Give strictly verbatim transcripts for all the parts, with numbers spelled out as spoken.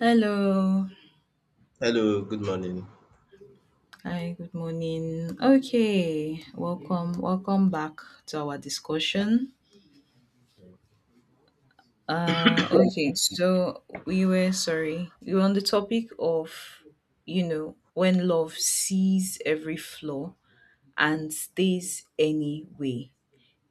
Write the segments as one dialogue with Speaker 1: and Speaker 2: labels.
Speaker 1: Hello.
Speaker 2: Hello, good morning.
Speaker 1: Hi, good morning. Okay, welcome, welcome back to our discussion. Uh, okay, so we were sorry, we were on the topic of, you know, when love sees every flaw and stays anyway.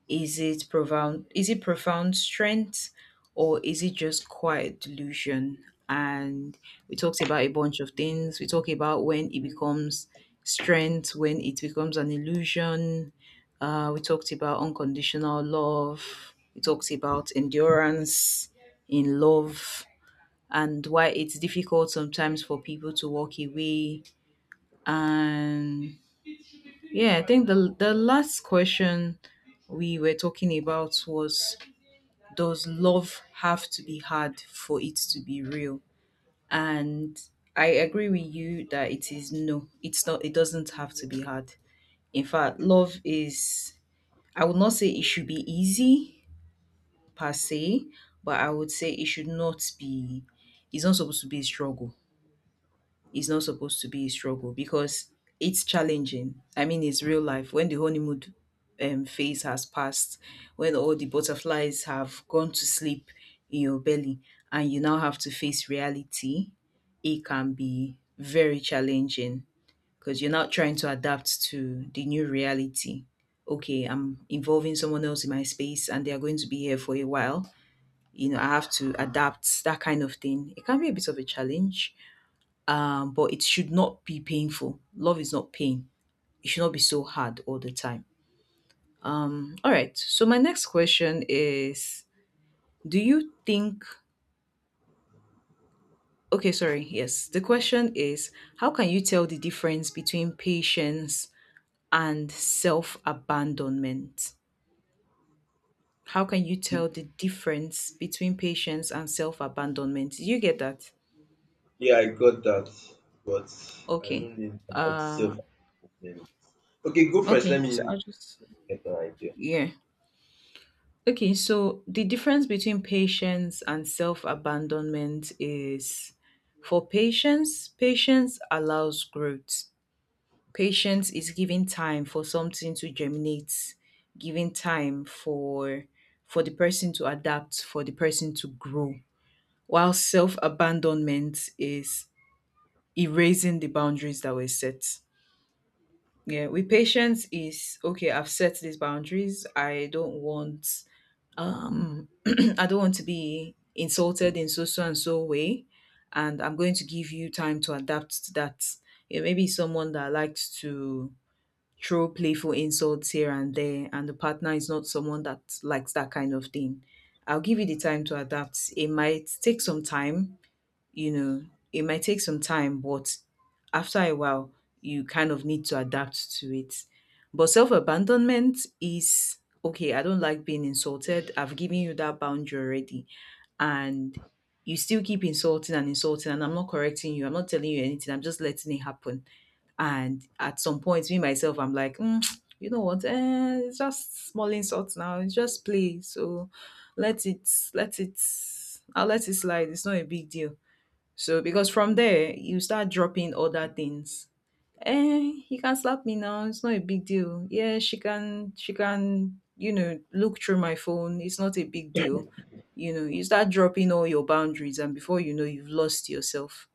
Speaker 1: Is it profound, is it profound strength, or is it just quiet delusion? And we talked about a bunch of things. We talked about when it becomes strength, when it becomes an illusion. Uh, we talked about unconditional love. We talked about endurance in love and why it's difficult sometimes for people to walk away. And yeah, I think the the last question we were talking about was, does love have to be hard for it to be real? And I agree with you that it is no, it's not, it doesn't have to be hard. In fact, love is, I would not say it should be easy per se, but I would say it should not be, it's not supposed to be a struggle, is not supposed to be a struggle, because it's challenging. I mean, it's real life. When the honeymoon um, phase has passed, when all the butterflies have gone to sleep in your belly, and you now have to face reality, it can be very challenging because you're not trying to adapt to the new reality. Okay, I'm involving someone else in my space and they are going to be here for a while. You know, I have to adapt, that kind of thing. It can be a bit of a challenge, um, but it should not be painful. Love is not pain. It should not be so hard all the time. Um, all right. So my next question is, do you think? Okay, sorry. Yes, the question is, how can you tell the difference between patience and self-abandonment? How can you
Speaker 2: Deep-
Speaker 1: tell the difference between patience and self-abandonment? Did you get that?
Speaker 2: Yeah, I got that, but I
Speaker 1: Okay.
Speaker 2: don't need about
Speaker 1: Uh,
Speaker 2: self. Okay, go first. Let
Speaker 1: okay. So
Speaker 2: me
Speaker 1: I'll just
Speaker 2: get an idea.
Speaker 1: yeah. Okay, so the difference between patience and self abandonment is, for patience, patience allows growth. Patience is giving time for something to germinate, giving time for for the person to adapt, for the person to grow. While self abandonment is erasing the boundaries that were set. Yeah, with patience is okay, I've set these boundaries. I don't want um I don't want to be insulted in so so and so way, and I'm going to give you time to adapt to that. Yeah, maybe someone that likes to throw playful insults here and there, and the partner is not someone that likes that kind of thing. I'll give you the time to adapt. It might take some time, you know, it might take some time, but after a while you kind of need to adapt to it. But self-abandonment is, okay, I don't like being insulted, I've given you that boundary already, and you still keep insulting and insulting, and I'm not correcting you, I'm not telling you anything, I'm just letting it happen. And at some point, me myself, I'm like, "Mm, you know what, eh, it's just small insults now, it's just play, so let it let it, I'll let it slide, it's not a big deal." So because from there, you start dropping other things. Eh, he can slap me now, it's not a big deal. Yeah, she can she can, you know, look through my phone, it's not a big deal. You know, you start dropping all your boundaries, and before you know, you've lost yourself.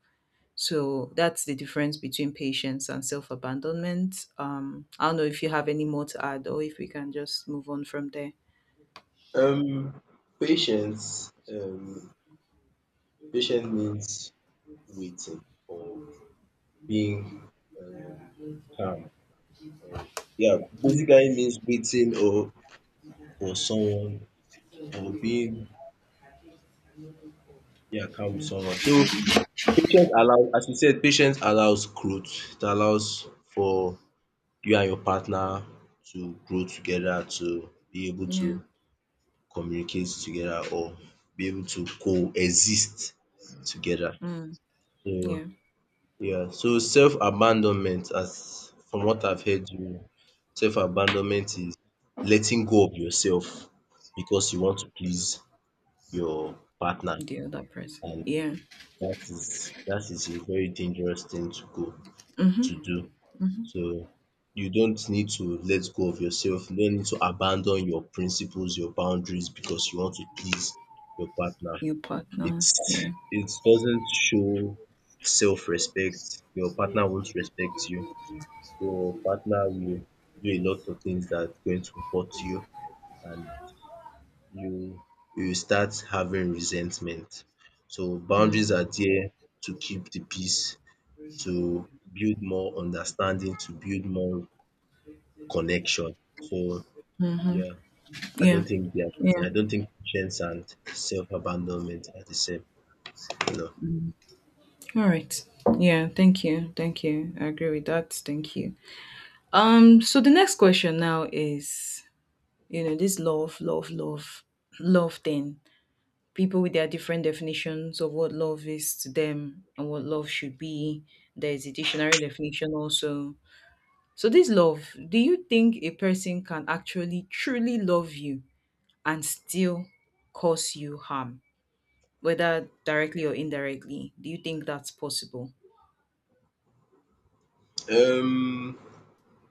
Speaker 1: So that's the difference between patience and self-abandonment. Um, I don't know if you have any more to add, or if we can just move on from there.
Speaker 2: Um, patience. Um, patience means waiting or being um, calm. Or, yeah,
Speaker 1: Mm.
Speaker 2: basically means waiting or for someone or being yeah calm with someone. So patience allows, as you said, patience allows growth. It allows for you and your partner to grow together, to be able to
Speaker 1: Yeah.
Speaker 2: communicate together or be able to coexist together.
Speaker 1: Mm.
Speaker 2: So
Speaker 1: Yeah.
Speaker 2: yeah, so self-abandonment as from what I've heard you, self-abandonment is letting go of yourself because you want to please your partner,
Speaker 1: The other person.
Speaker 2: and
Speaker 1: Yeah.
Speaker 2: that is that is a very dangerous thing to go
Speaker 1: Mm-hmm.
Speaker 2: to do.
Speaker 1: Mm-hmm.
Speaker 2: So you don't need to let go of yourself. You don't need to abandon your principles, your boundaries because you want to please your partner.
Speaker 1: Your partner.
Speaker 2: It's
Speaker 1: Yeah.
Speaker 2: it doesn't show self-respect. Your partner won't respect you. Your partner will do a lot of things that are going to hurt you, and you you start having resentment. So boundaries
Speaker 1: Mm-hmm.
Speaker 2: are there to keep the peace, to build more understanding, to build more connection. So yeah, I
Speaker 1: Yeah.
Speaker 2: don't think they are.
Speaker 1: Yeah.
Speaker 2: I don't think patience and self abandonment are the same. No.
Speaker 1: All right. Yeah. Thank you. Thank you. I agree with that. Thank you. Um. So the next question now is, you know, this love, love, love, love thing. People with their different definitions of what love is to them and what love should be. There is a dictionary definition also. So this love, do you think a person can actually truly love you and still cause you harm, whether directly or indirectly? Do you think that's possible?
Speaker 2: Um,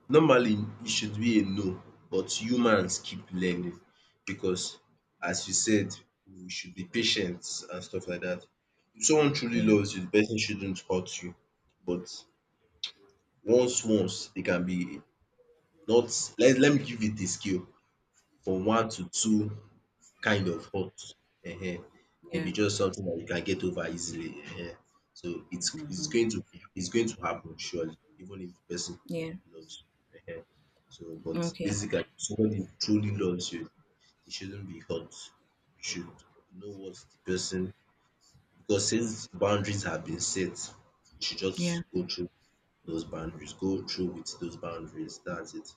Speaker 2: normally it should be a no, but humans keep learning because, as you said, we should be patient and stuff like that. If someone truly
Speaker 1: Yeah.
Speaker 2: loves you, the person shouldn't hurt you. But once, once they can be not. Let Let me give it a scale from one to two kind of hot, ehen,
Speaker 1: Yeah.
Speaker 2: maybe just something that you can get over easily, ehen. So it's it's
Speaker 1: Hmm.
Speaker 2: going to be it's going to happen surely, even if the person
Speaker 1: Yeah.
Speaker 2: loves you, ehen. So but
Speaker 1: Okay.
Speaker 2: basically if somebody truly loves you, it shouldn't be hot. You should know what the person, because since boundaries have been set, you should just
Speaker 1: Yeah.
Speaker 2: go through those boundaries, go through with those boundaries, that's it.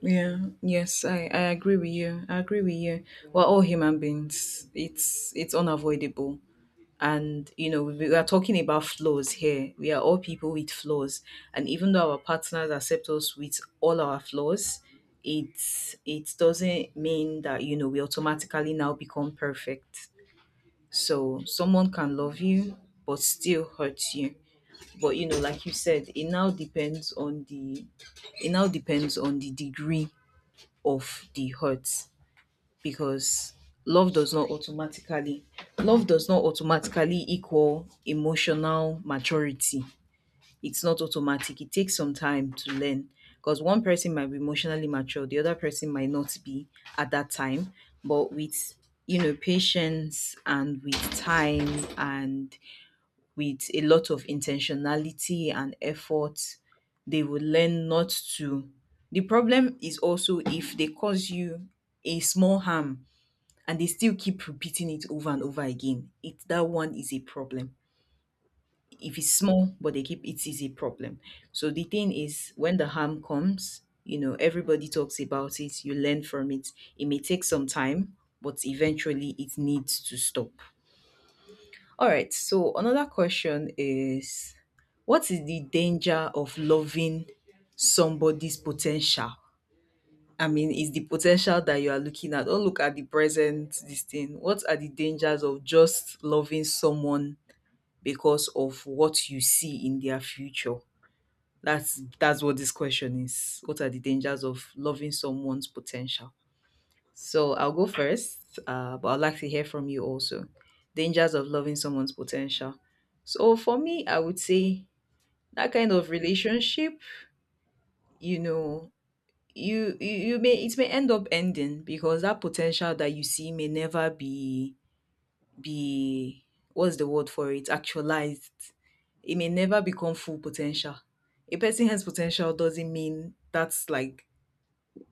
Speaker 1: Yeah. Yes, I, I agree with you. I agree with you. We're all human beings. It's it's unavoidable. And you know, we we are talking about flaws here. We are all people with flaws. And even though our partners accept us with all our flaws, it it doesn't mean that, you know, we automatically now become perfect. So someone can love you but still hurt you. But you know, like you said, it now depends on the, it now depends on the degree of the hurt, because love does not automatically love does not automatically equal emotional maturity. It's not automatic. It takes some time to learn, because one person might be emotionally mature, the other person might not be at that time. But with, you know, patience and with time and with a lot of intentionality and effort, they will learn not to. The problem is also if they cause you a small harm and they still keep repeating it over and over again. It that one is a problem. If it's small but they keep, it is a problem. So the thing is, when the harm comes, you know, everybody talks about it, you learn from it. It may take some time, but eventually it needs to stop. All right, so another question is, what is the danger of loving somebody's potential? I mean, is the potential that you are looking at, don't look at the present, this thing, what are the dangers of just loving someone because of what you see in their future? That's that's what this question is. What are the dangers of loving someone's potential? So I'll go first, uh, but I'd like to hear from you also. Dangers of loving someone's potential. So for me, I would say that kind of relationship, you know, you you, you may, it may end up ending because that potential that you see may never be, be, what's the word for it, actualized. It may never become full potential. A person has potential doesn't mean that's like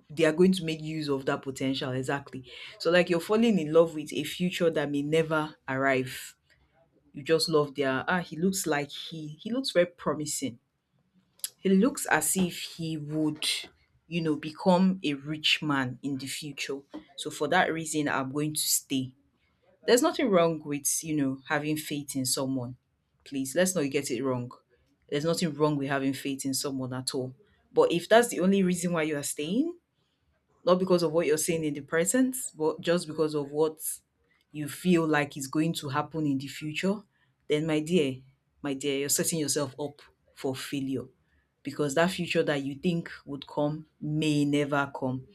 Speaker 1: they are going to make use of that potential exactly. So like you're falling in love with a future that may never arrive. You just love their, ah, he looks like, he he looks very promising, he looks as if he would, you know, become a rich man in the future, so for that reason I'm going to stay. There's nothing wrong with, you know, having faith in someone. Please, let's not get it wrong. There's nothing wrong with having faith in someone at all. But if that's the only reason why you are staying, not because of what you're saying in the present, but just because of what you feel like is going to happen in the future, then my dear, my dear, you're setting yourself up for failure, because that future that you think would come may never come.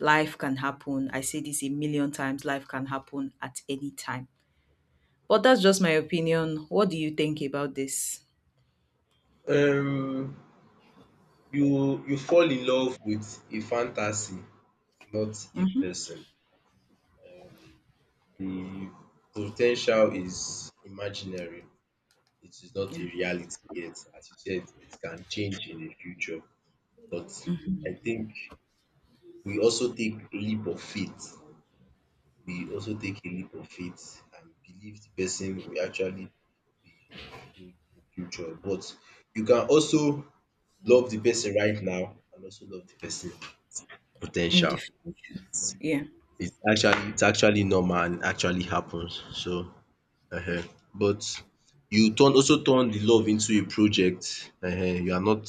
Speaker 1: Life can happen. I say this a million times, life can happen at any time. But that's just my opinion. What do you think about this?
Speaker 2: um you you fall in love with a fantasy, not a
Speaker 1: Mm-hmm.
Speaker 2: person. Um, The potential is imaginary. It is not a
Speaker 1: Yeah.
Speaker 2: reality yet. As you said, it can change in the future. But I think we also take leap of faith. We also take a leap of faith and believe the person will actually be good in future. But you can also love the person right now and also love the person
Speaker 1: In the
Speaker 2: potential.
Speaker 1: future. Yeah.
Speaker 2: It's actually it's actually normal and actually happens. So um but you turn also turn the love into a project. um you are not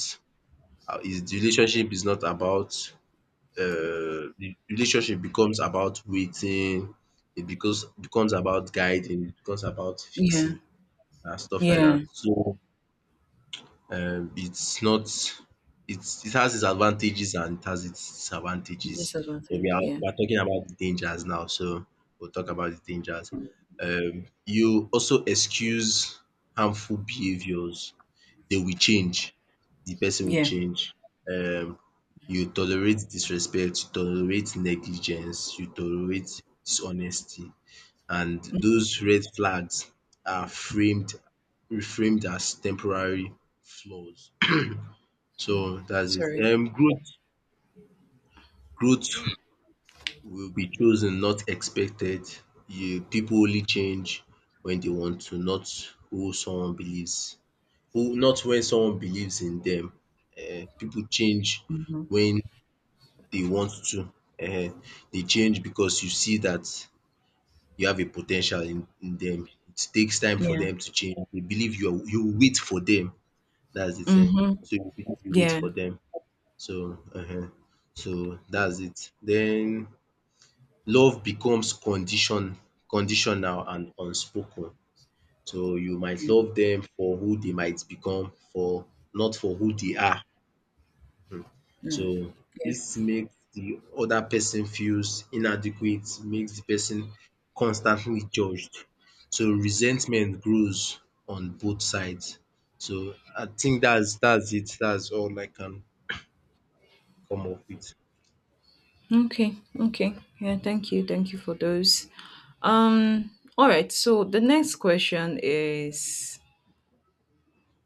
Speaker 2: uh, is the relationship is not about um the relationship becomes about waiting, it becomes becomes about guiding, it becomes about
Speaker 1: Yeah.
Speaker 2: fixing and stuff like
Speaker 1: Yeah.
Speaker 2: that. So um it's not, it's it has its advantages and it has its disadvantages. But we
Speaker 1: Disadvantages.
Speaker 2: are
Speaker 1: Yeah.
Speaker 2: we are talking about the dangers now, so we'll talk about the dangers. Um, you also excuse harmful behaviors. They will change. The person will
Speaker 1: Yeah.
Speaker 2: change. Um, you tolerate disrespect, you tolerate negligence, you tolerate dishonesty, and those red flags are framed reframed as temporary flaws, so that's it.
Speaker 1: Sorry.
Speaker 2: Um, growth growth will be chosen, not expected. You people only change when they want to, not who someone believes, who not when someone believes in them. Um people change
Speaker 1: Mhm.
Speaker 2: when they want to. um they change because you see that you have a potential in in them. It takes time for
Speaker 1: Yeah.
Speaker 2: them to change. They believe you are you wait for them. That's the thing.
Speaker 1: Mhm.
Speaker 2: So you you wait
Speaker 1: Yeah.
Speaker 2: for them. So um so that's it. Then love becomes condition conditional and unspoken. So you might
Speaker 1: Mm,
Speaker 2: love them for who they might become, for not for who they are. um So
Speaker 1: yeah.
Speaker 2: this makes the other person feels inadequate, makes the person constantly judged. So resentment grows on both sides. So I think that's that's it. That's all I can come up with.
Speaker 1: Okay. Okay. Yeah. Thank you. Thank you for those. Um. All right. So the next question is: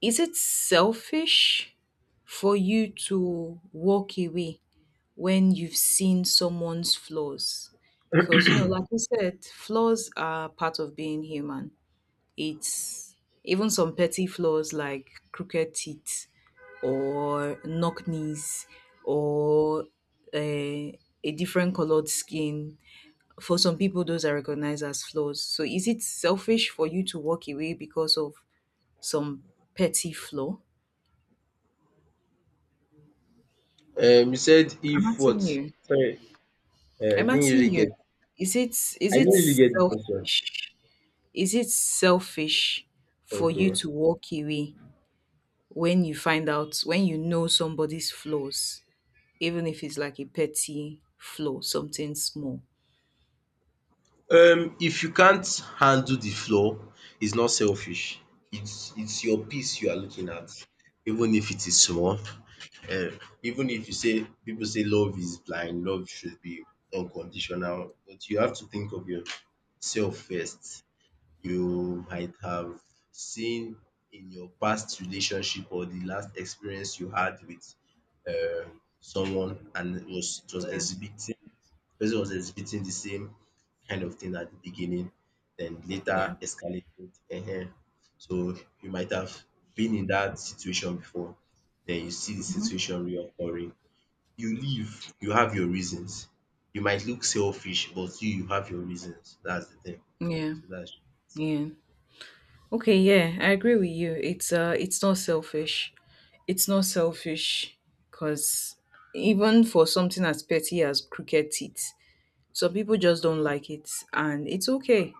Speaker 1: is it selfish for you to walk away when you've seen someone's flaws? Because you know, like you said, flaws are part of being human. It's even some petty flaws like crooked teeth or knock knees or, uh, a different colored skin. For some people, those are recognized as flaws. So, is it selfish for you to walk away because of some petty flaw?
Speaker 2: Um, you said
Speaker 1: I'm
Speaker 2: if what?
Speaker 1: asking you.
Speaker 2: Sorry, uh, I
Speaker 1: I'm
Speaker 2: didn't
Speaker 1: asking
Speaker 2: really
Speaker 1: you.
Speaker 2: get.
Speaker 1: Is it, is
Speaker 2: I
Speaker 1: it
Speaker 2: didn't really get the question.
Speaker 1: selfish? Is it selfish for you
Speaker 2: Okay.
Speaker 1: to walk away when you find out, when you know somebody's flaws, even if it's like a petty flaw, something small?
Speaker 2: Um, if you can't handle the floor, it's not selfish. It's it's your peace you are looking at, even if it is small. Um, even if you say people say love is blind, love should be unconditional, but you have to think of yourself first. You might have seen in your past relationship or the last experience you had with uh someone, and it was it was
Speaker 1: Yeah.
Speaker 2: exhibiting person was exhibiting the same kind of thing at the beginning, then
Speaker 1: Yeah.
Speaker 2: later escalated. um. So you might have been in that situation before, then you see the situation reoccurring. You leave, you have your reasons. You might look selfish, but you you have your reasons. That's the thing.
Speaker 1: Yeah,
Speaker 2: So that's
Speaker 1: yeah. Okay, yeah, I agree with you. It's, uh it's not selfish. It's not selfish because even for something as petty as crooked teeth, some people just don't like it, and it's okay.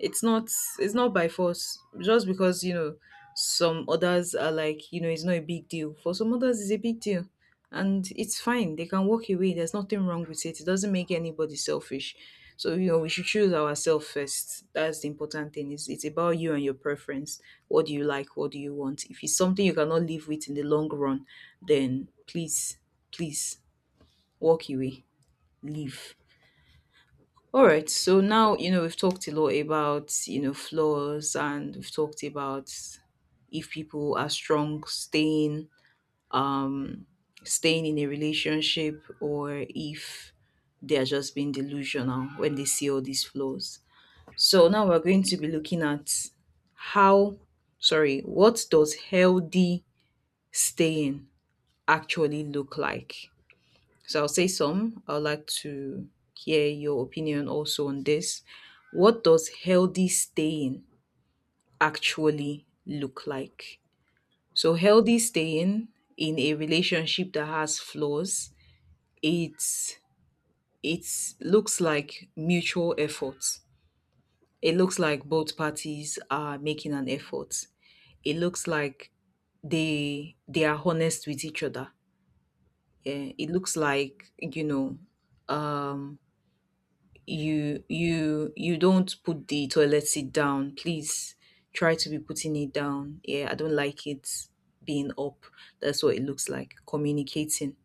Speaker 1: It's not, it's not by force. Just because, you know, some others are like, you know, it's not a big deal, for some others it's a big deal, and it's fine. They can walk away. There's nothing wrong with it. It doesn't make anybody selfish. So, you know, we should choose ourselves first. That's the important thing. Is it's about you and your preference. What do you like, what do you want? If it's something you cannot live with in the long run, then please, please, walk away, leave. All right. So now, you know, we've talked a lot about, you know, flaws and we've talked about if people are strong staying um staying in a relationship or if they are just being delusional when they see all these flaws. So now we're going to be looking at how, sorry, what does healthy staying actually look like? So I'll say some. I would like to hear your opinion also on this. What does healthy staying actually look like? So healthy staying in a relationship that has flaws, it's it looks like mutual effort. It looks like both parties are making an effort. It looks like they they are honest with each other. Yeah, it looks like, you know, um you you you don't put the toilet seat down. Please try to be putting it down. Yeah, I don't like it being up. That's what it looks like. Communicating.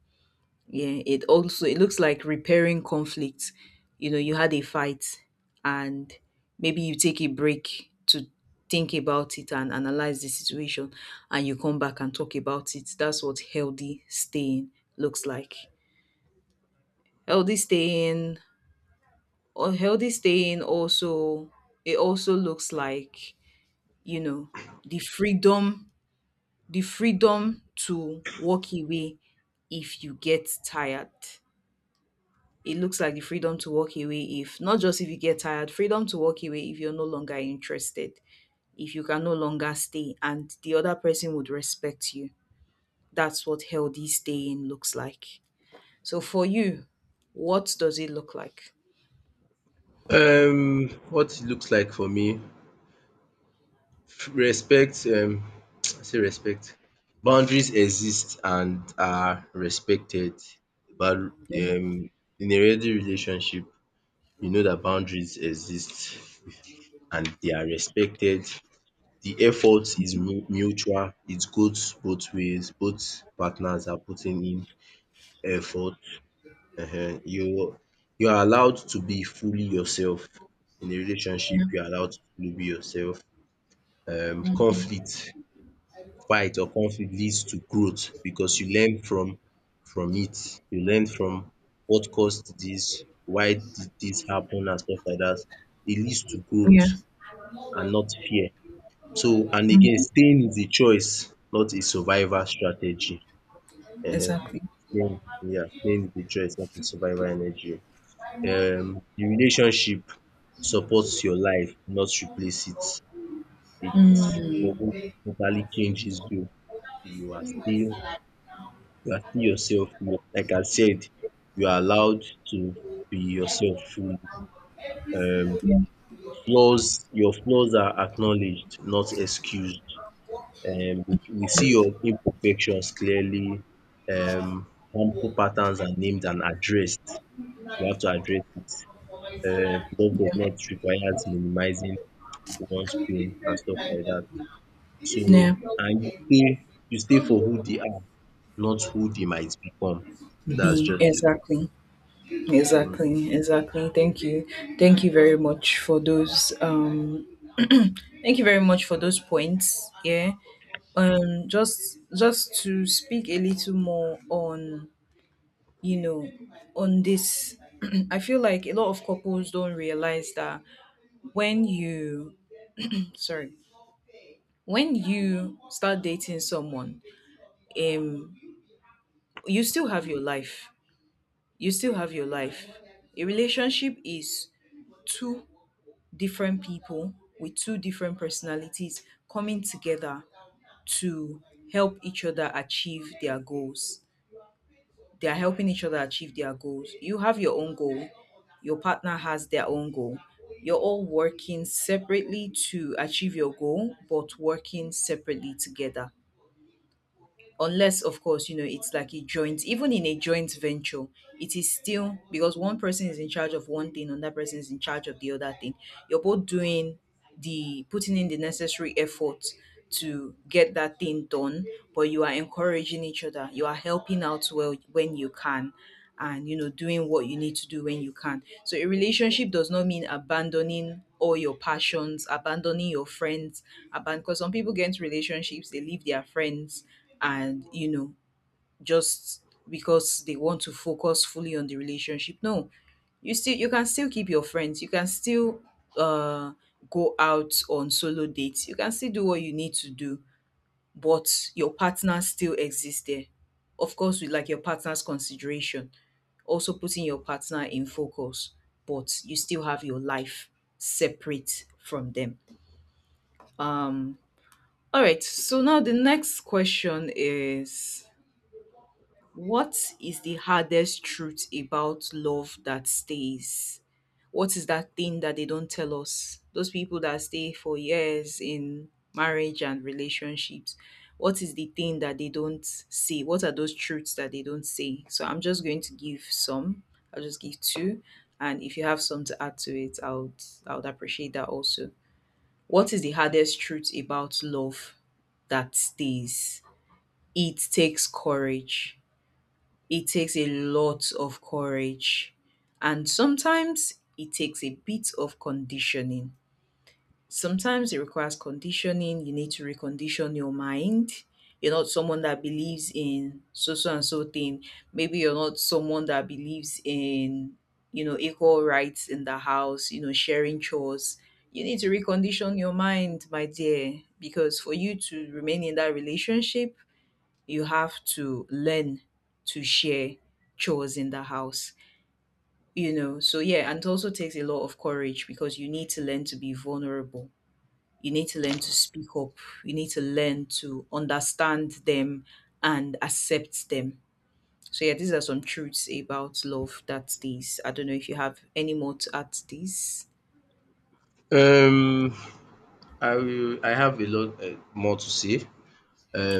Speaker 1: Yeah, it also, it looks like repairing conflict. You know, you had a fight and maybe you take a break to think about it and analyze the situation, and you come back and talk about it. That's what healthy staying looks like. Healthy staying, or healthy staying also, it also looks like, you know, the freedom, the freedom to walk away if you get tired. It looks like the freedom to walk away, if not just if you get tired, freedom to walk away if you're no longer interested, if you can no longer stay, and the other person would respect you. That's what healthy staying looks like. So for you, what does it look like?
Speaker 2: Um, what it looks like for me, respect. um I say respect, boundaries exist and are respected, but um in a healthy relationship you know that boundaries exist and they are respected. The effort is mu mutual, it goes both ways, both partners are putting in effort. um You you are allowed to be fully yourself. In a relationship you are allowed to fully be yourself. Um conflict, fight or conflict leads to growth because you learn from from it. You learn from what caused this, why did this happen and stuff like that. It leads to growth
Speaker 1: Yeah,
Speaker 2: and not fear. So and again staying is a choice not a survival strategy. um
Speaker 1: exactly.
Speaker 2: Staying, yeah, staying is a choice not a survival energy. um The relationship supports your life not replace it. It doesn't totally changes you, you are still you are still yourself. You- Like I said, you are allowed to be yourself fully. Um, flaws, your flaws are acknowledged, not excused. Um, we we see your imperfections clearly. Um, harmful patterns are named and addressed. You have to address it. Um, Love does not require minimizing one's pain and stuff like that. So,
Speaker 1: Yeah.
Speaker 2: and you stay, you stay for who they are, not who they might become. That's
Speaker 1: Be
Speaker 2: just it.
Speaker 1: exactly, exactly, exactly. Thank you, thank you very much for those. Um, thank you very much for those points. Yeah. Um, just just to speak a little more on, you know, on this. I feel like a lot of couples don't realize that when you, sorry, when you start dating someone, um you still have your life, you still have your life. A relationship is two different people with two different personalities coming together to help each other achieve their goals. They are helping each other achieve their goals. You have your own goal, your partner has their own goal. You're all working separately to achieve your goal, but working separately together. Unless of course, you know, it's like a joint, even in a joint venture, it is still because one person is in charge of one thing, another person is in charge of the other thing. You're both doing the putting in the necessary effort to get that thing done, but you are encouraging each other, you are helping out well when you can, and you know, doing what you need to do when you can. So a relationship does not mean abandoning all your passions, abandoning your friends, abandon, because some people get into relationships, they leave their friends, and you know, just because they want to focus fully on the relationship. No, you still, you can still keep your friends, you can still uh go out on solo dates, you can still do what you need to do, but your partner still exists there. Of course, with like your partner's consideration, also putting your partner in focus, but you still have your life separate from them. Um, all right, so now the next question is, what is the hardest truth about love that stays? What is that thing that they don't tell us? Those people that stay for years in marriage and relationships, what is the thing that they don't say? What are those truths that they don't say? So I'm just going to give some. I'll just give two. And if you have some to add to it, I would I would appreciate that also. What is the hardest truth about love that stays? It takes courage, it takes a lot of courage, and sometimes it takes a bit of conditioning. Sometimes it requires conditioning. You need to recondition your mind. You're not someone that believes in so so and so thing. Maybe you're not someone that believes in, you know, equal rights in the house, you know, sharing chores. You need to recondition your mind, my dear, because for you to remain in that relationship, you have to learn to share chores in the house, you know. So yeah, and it also takes a lot of courage because you need to learn to be vulnerable, you need to learn to speak up, you need to learn to understand them and accept them. So yeah, these are some truths about love that, these, I don't know if you have any more to add to these.
Speaker 2: Um, I will I have a lot um more to say.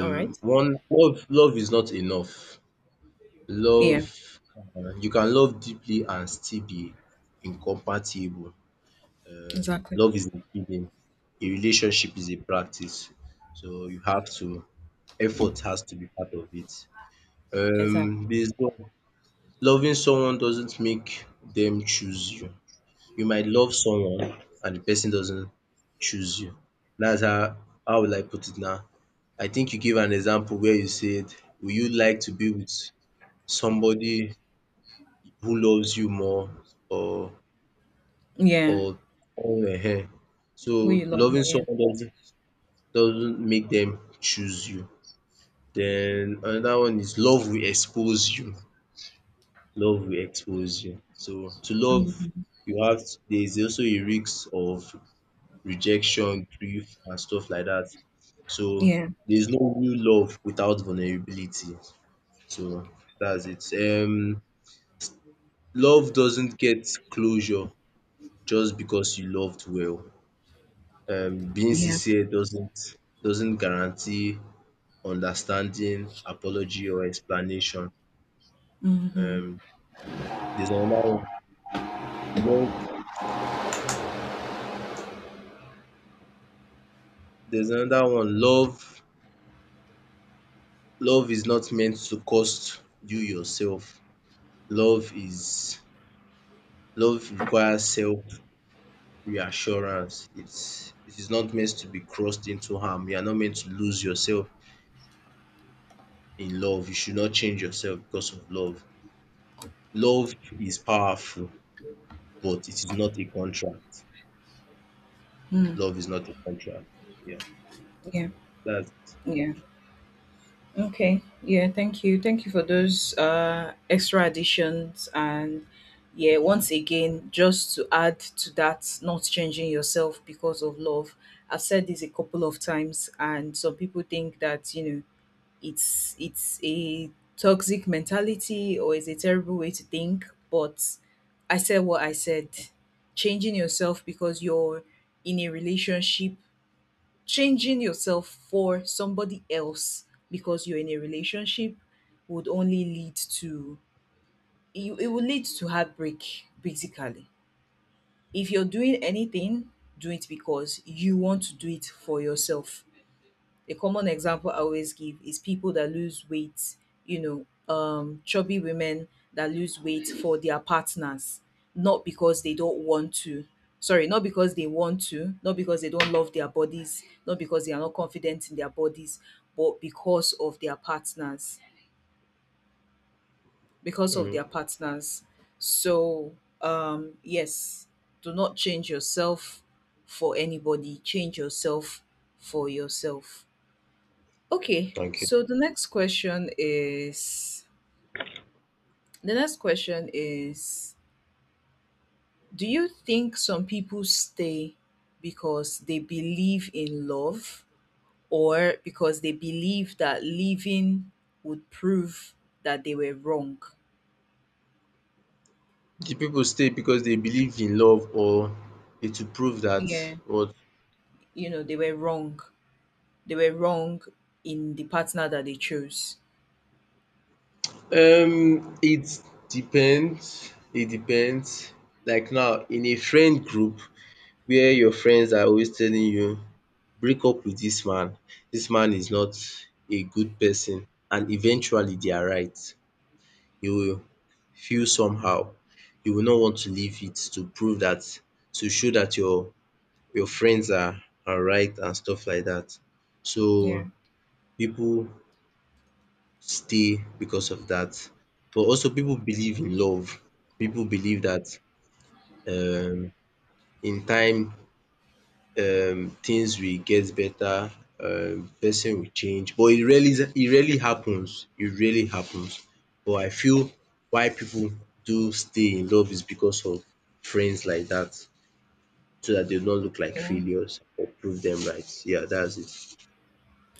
Speaker 1: All right.
Speaker 2: one love love is not enough. Love
Speaker 1: Yeah,
Speaker 2: uh, You can love deeply and still be incompatible. Um,
Speaker 1: exactly.
Speaker 2: love is a feeling. A relationship is a practice. So you have to effort has to be part of it.
Speaker 1: Exactly.
Speaker 2: Um, there's no loving someone doesn't make them choose you. You might love someone and the person doesn't choose you. That's how how will I put it now? I think you gave an example where you said, "Would you like to be with somebody who loves you more or
Speaker 1: Yeah,
Speaker 2: or or ehen?" So
Speaker 1: who you love
Speaker 2: loving
Speaker 1: more. Yeah.
Speaker 2: someone doesn't doesn't make them choose you. Then another one is love will expose you. Love will expose you. So to love you have there is also a risk of rejection, grief and stuff like that. So
Speaker 1: Yeah.
Speaker 2: there's no real love without vulnerability. So that's it. Um love doesn't get closure just because you loved well. Um being
Speaker 1: Yeah.
Speaker 2: sincere doesn't doesn't guarantee understanding, apology or explanation. Um there's another one. Love there's another one. Love love is not meant to cost you yourself. Love is Love requires self reassurance. It's it is not meant to be crossed into harm. You are not meant to lose yourself in love. You should not change yourself because of love. Love is powerful, but it is not a contract.
Speaker 1: Mm.
Speaker 2: Love is not a contract. Yeah,
Speaker 1: Yeah.
Speaker 2: that's it.
Speaker 1: Yeah. Okay. Yeah, thank you. Thank you for those uh extra additions, and yeah, once again, just to add to that, not changing yourself because of love. I've said this a couple of times and some people think that, you know, it's it's a toxic mentality or it's a terrible way to think, but I said what I said. Changing yourself because you're in a relationship, changing yourself for somebody else because you're in a relationship would only lead to you, it will lead to heartbreak basically. If you're doing anything, do it because you want to do it for yourself. A common example I always give is people that lose weight, you know, um, chubby women that lose weight for their partners, not because they don't want to. Sorry, not because they want to, not because they don't love their bodies, not because they are not confident in their bodies, but because of their partners. Because of
Speaker 2: Mm,
Speaker 1: their partners. So, um, yes, do not change yourself for anybody, change yourself for yourself. Okay,
Speaker 2: thank you.
Speaker 1: so the next question is, the next question is do you think some people stay because they believe in love or because they believe that leaving would prove that they were wrong?
Speaker 2: The people stay because they believe in love or it will prove that
Speaker 1: Yeah,
Speaker 2: what?
Speaker 1: you know, they were wrong. They were wrong in the partner that they chose.
Speaker 2: Um, it depends. It depends. Like now, in a friend group, where your friends are always telling you, break up with this man, this man is not a good person and eventually they are right. You will feel somehow, you will not want to leave it to prove that, to show that your your friends are are right and stuff like that.
Speaker 1: Yeah.
Speaker 2: So people stay because of that. But also people believe in love. People believe that um in time um things will get better, um person will change but it rarely it rarely happens. It rarely happens, but I feel why people do stay in love is because of friends like that, so that they don't look like
Speaker 1: Yeah.
Speaker 2: failures or prove them right. Yeah, that's it.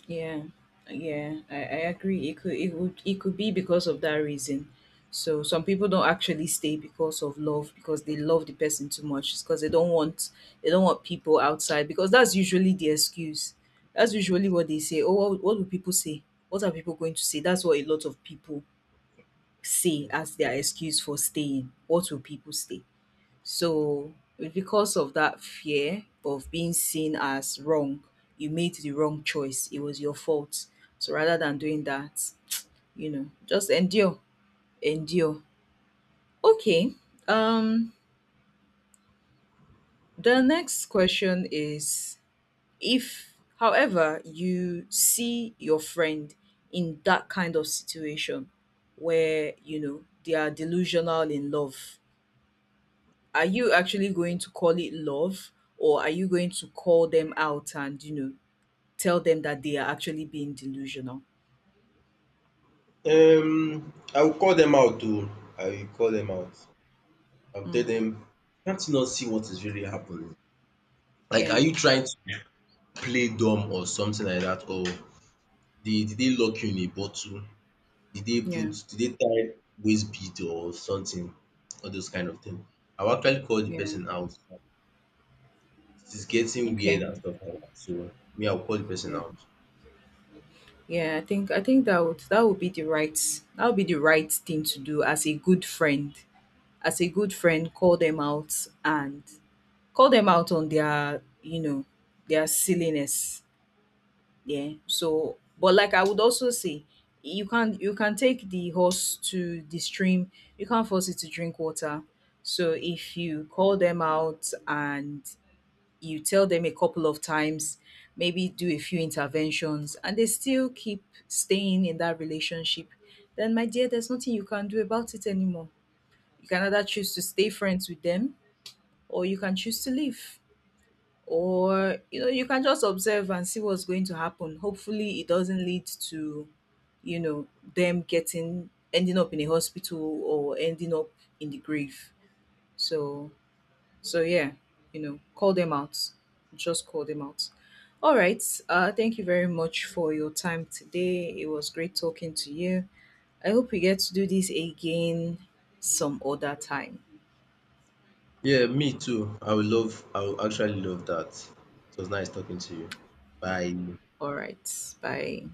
Speaker 1: Yeah, yeah, I, I agree. It could it would it could be because of that reason. So some people don't actually stay because of love, because they love the person too much. It's because they don't want, they don't want people outside, because that's usually the excuse. That's usually what they say. Oh, what, what do people say? What are people going to say? That's what a lot of people say
Speaker 2: Yes.
Speaker 1: as their excuse for staying. What will people say? So because of that fear of being seen as wrong, you made the wrong choice. It was your fault. So rather than doing that, you know, just endure. Endure. Okay. Um, the next question is, if however you see your friend in that kind of situation where, you know, they are delusional in love, are you actually going to call it love, or are you going to call them out and, you know, tell them that they are actually being delusional?
Speaker 2: Um I will call them out, oh, I will call them out, I will tell
Speaker 1: Mm.
Speaker 2: them. Can't you not see what is really happening? Like
Speaker 1: Yeah.
Speaker 2: are you trying to play dumb or something like that? Or did did they lock you in a bottle? Did they
Speaker 1: Yeah.
Speaker 2: put did they tie waist bead or something? All those kind of thing. I'll actually call the
Speaker 1: Yeah.
Speaker 2: person out. It is getting weird
Speaker 1: Okay.
Speaker 2: and stuff like that. So me, I'll call the person
Speaker 1: Yeah.
Speaker 2: out.
Speaker 1: Yeah, i think i think that would, that would be the right, that would be the right thing to do as a good friend, as a good friend. Call them out, and call them out on their, you know, their silliness. Yeah. So, but like I would also say, you can, you can take the horse to the stream. You can't force it to drink water. So if you call them out and you tell them a couple of times, maybe do a few interventions, and they still keep staying in that relationship, then my dear, there's nothing you can do about it anymore. You can either choose to stay friends with them, or you can choose to leave, or you know, you can just observe and see what's going to happen. Hopefully it doesn't lead to, you know, them getting, ending up in a hospital or ending up in the grave. So, so yeah, you know, call them out, just call them out. All right, uh thank you very much for your time today. It was great talking to you. I hope we get to do this again some other time.
Speaker 2: Yeah, me too. I would love I would actually love that. It was nice talking to you. Bye.
Speaker 1: All right, bye.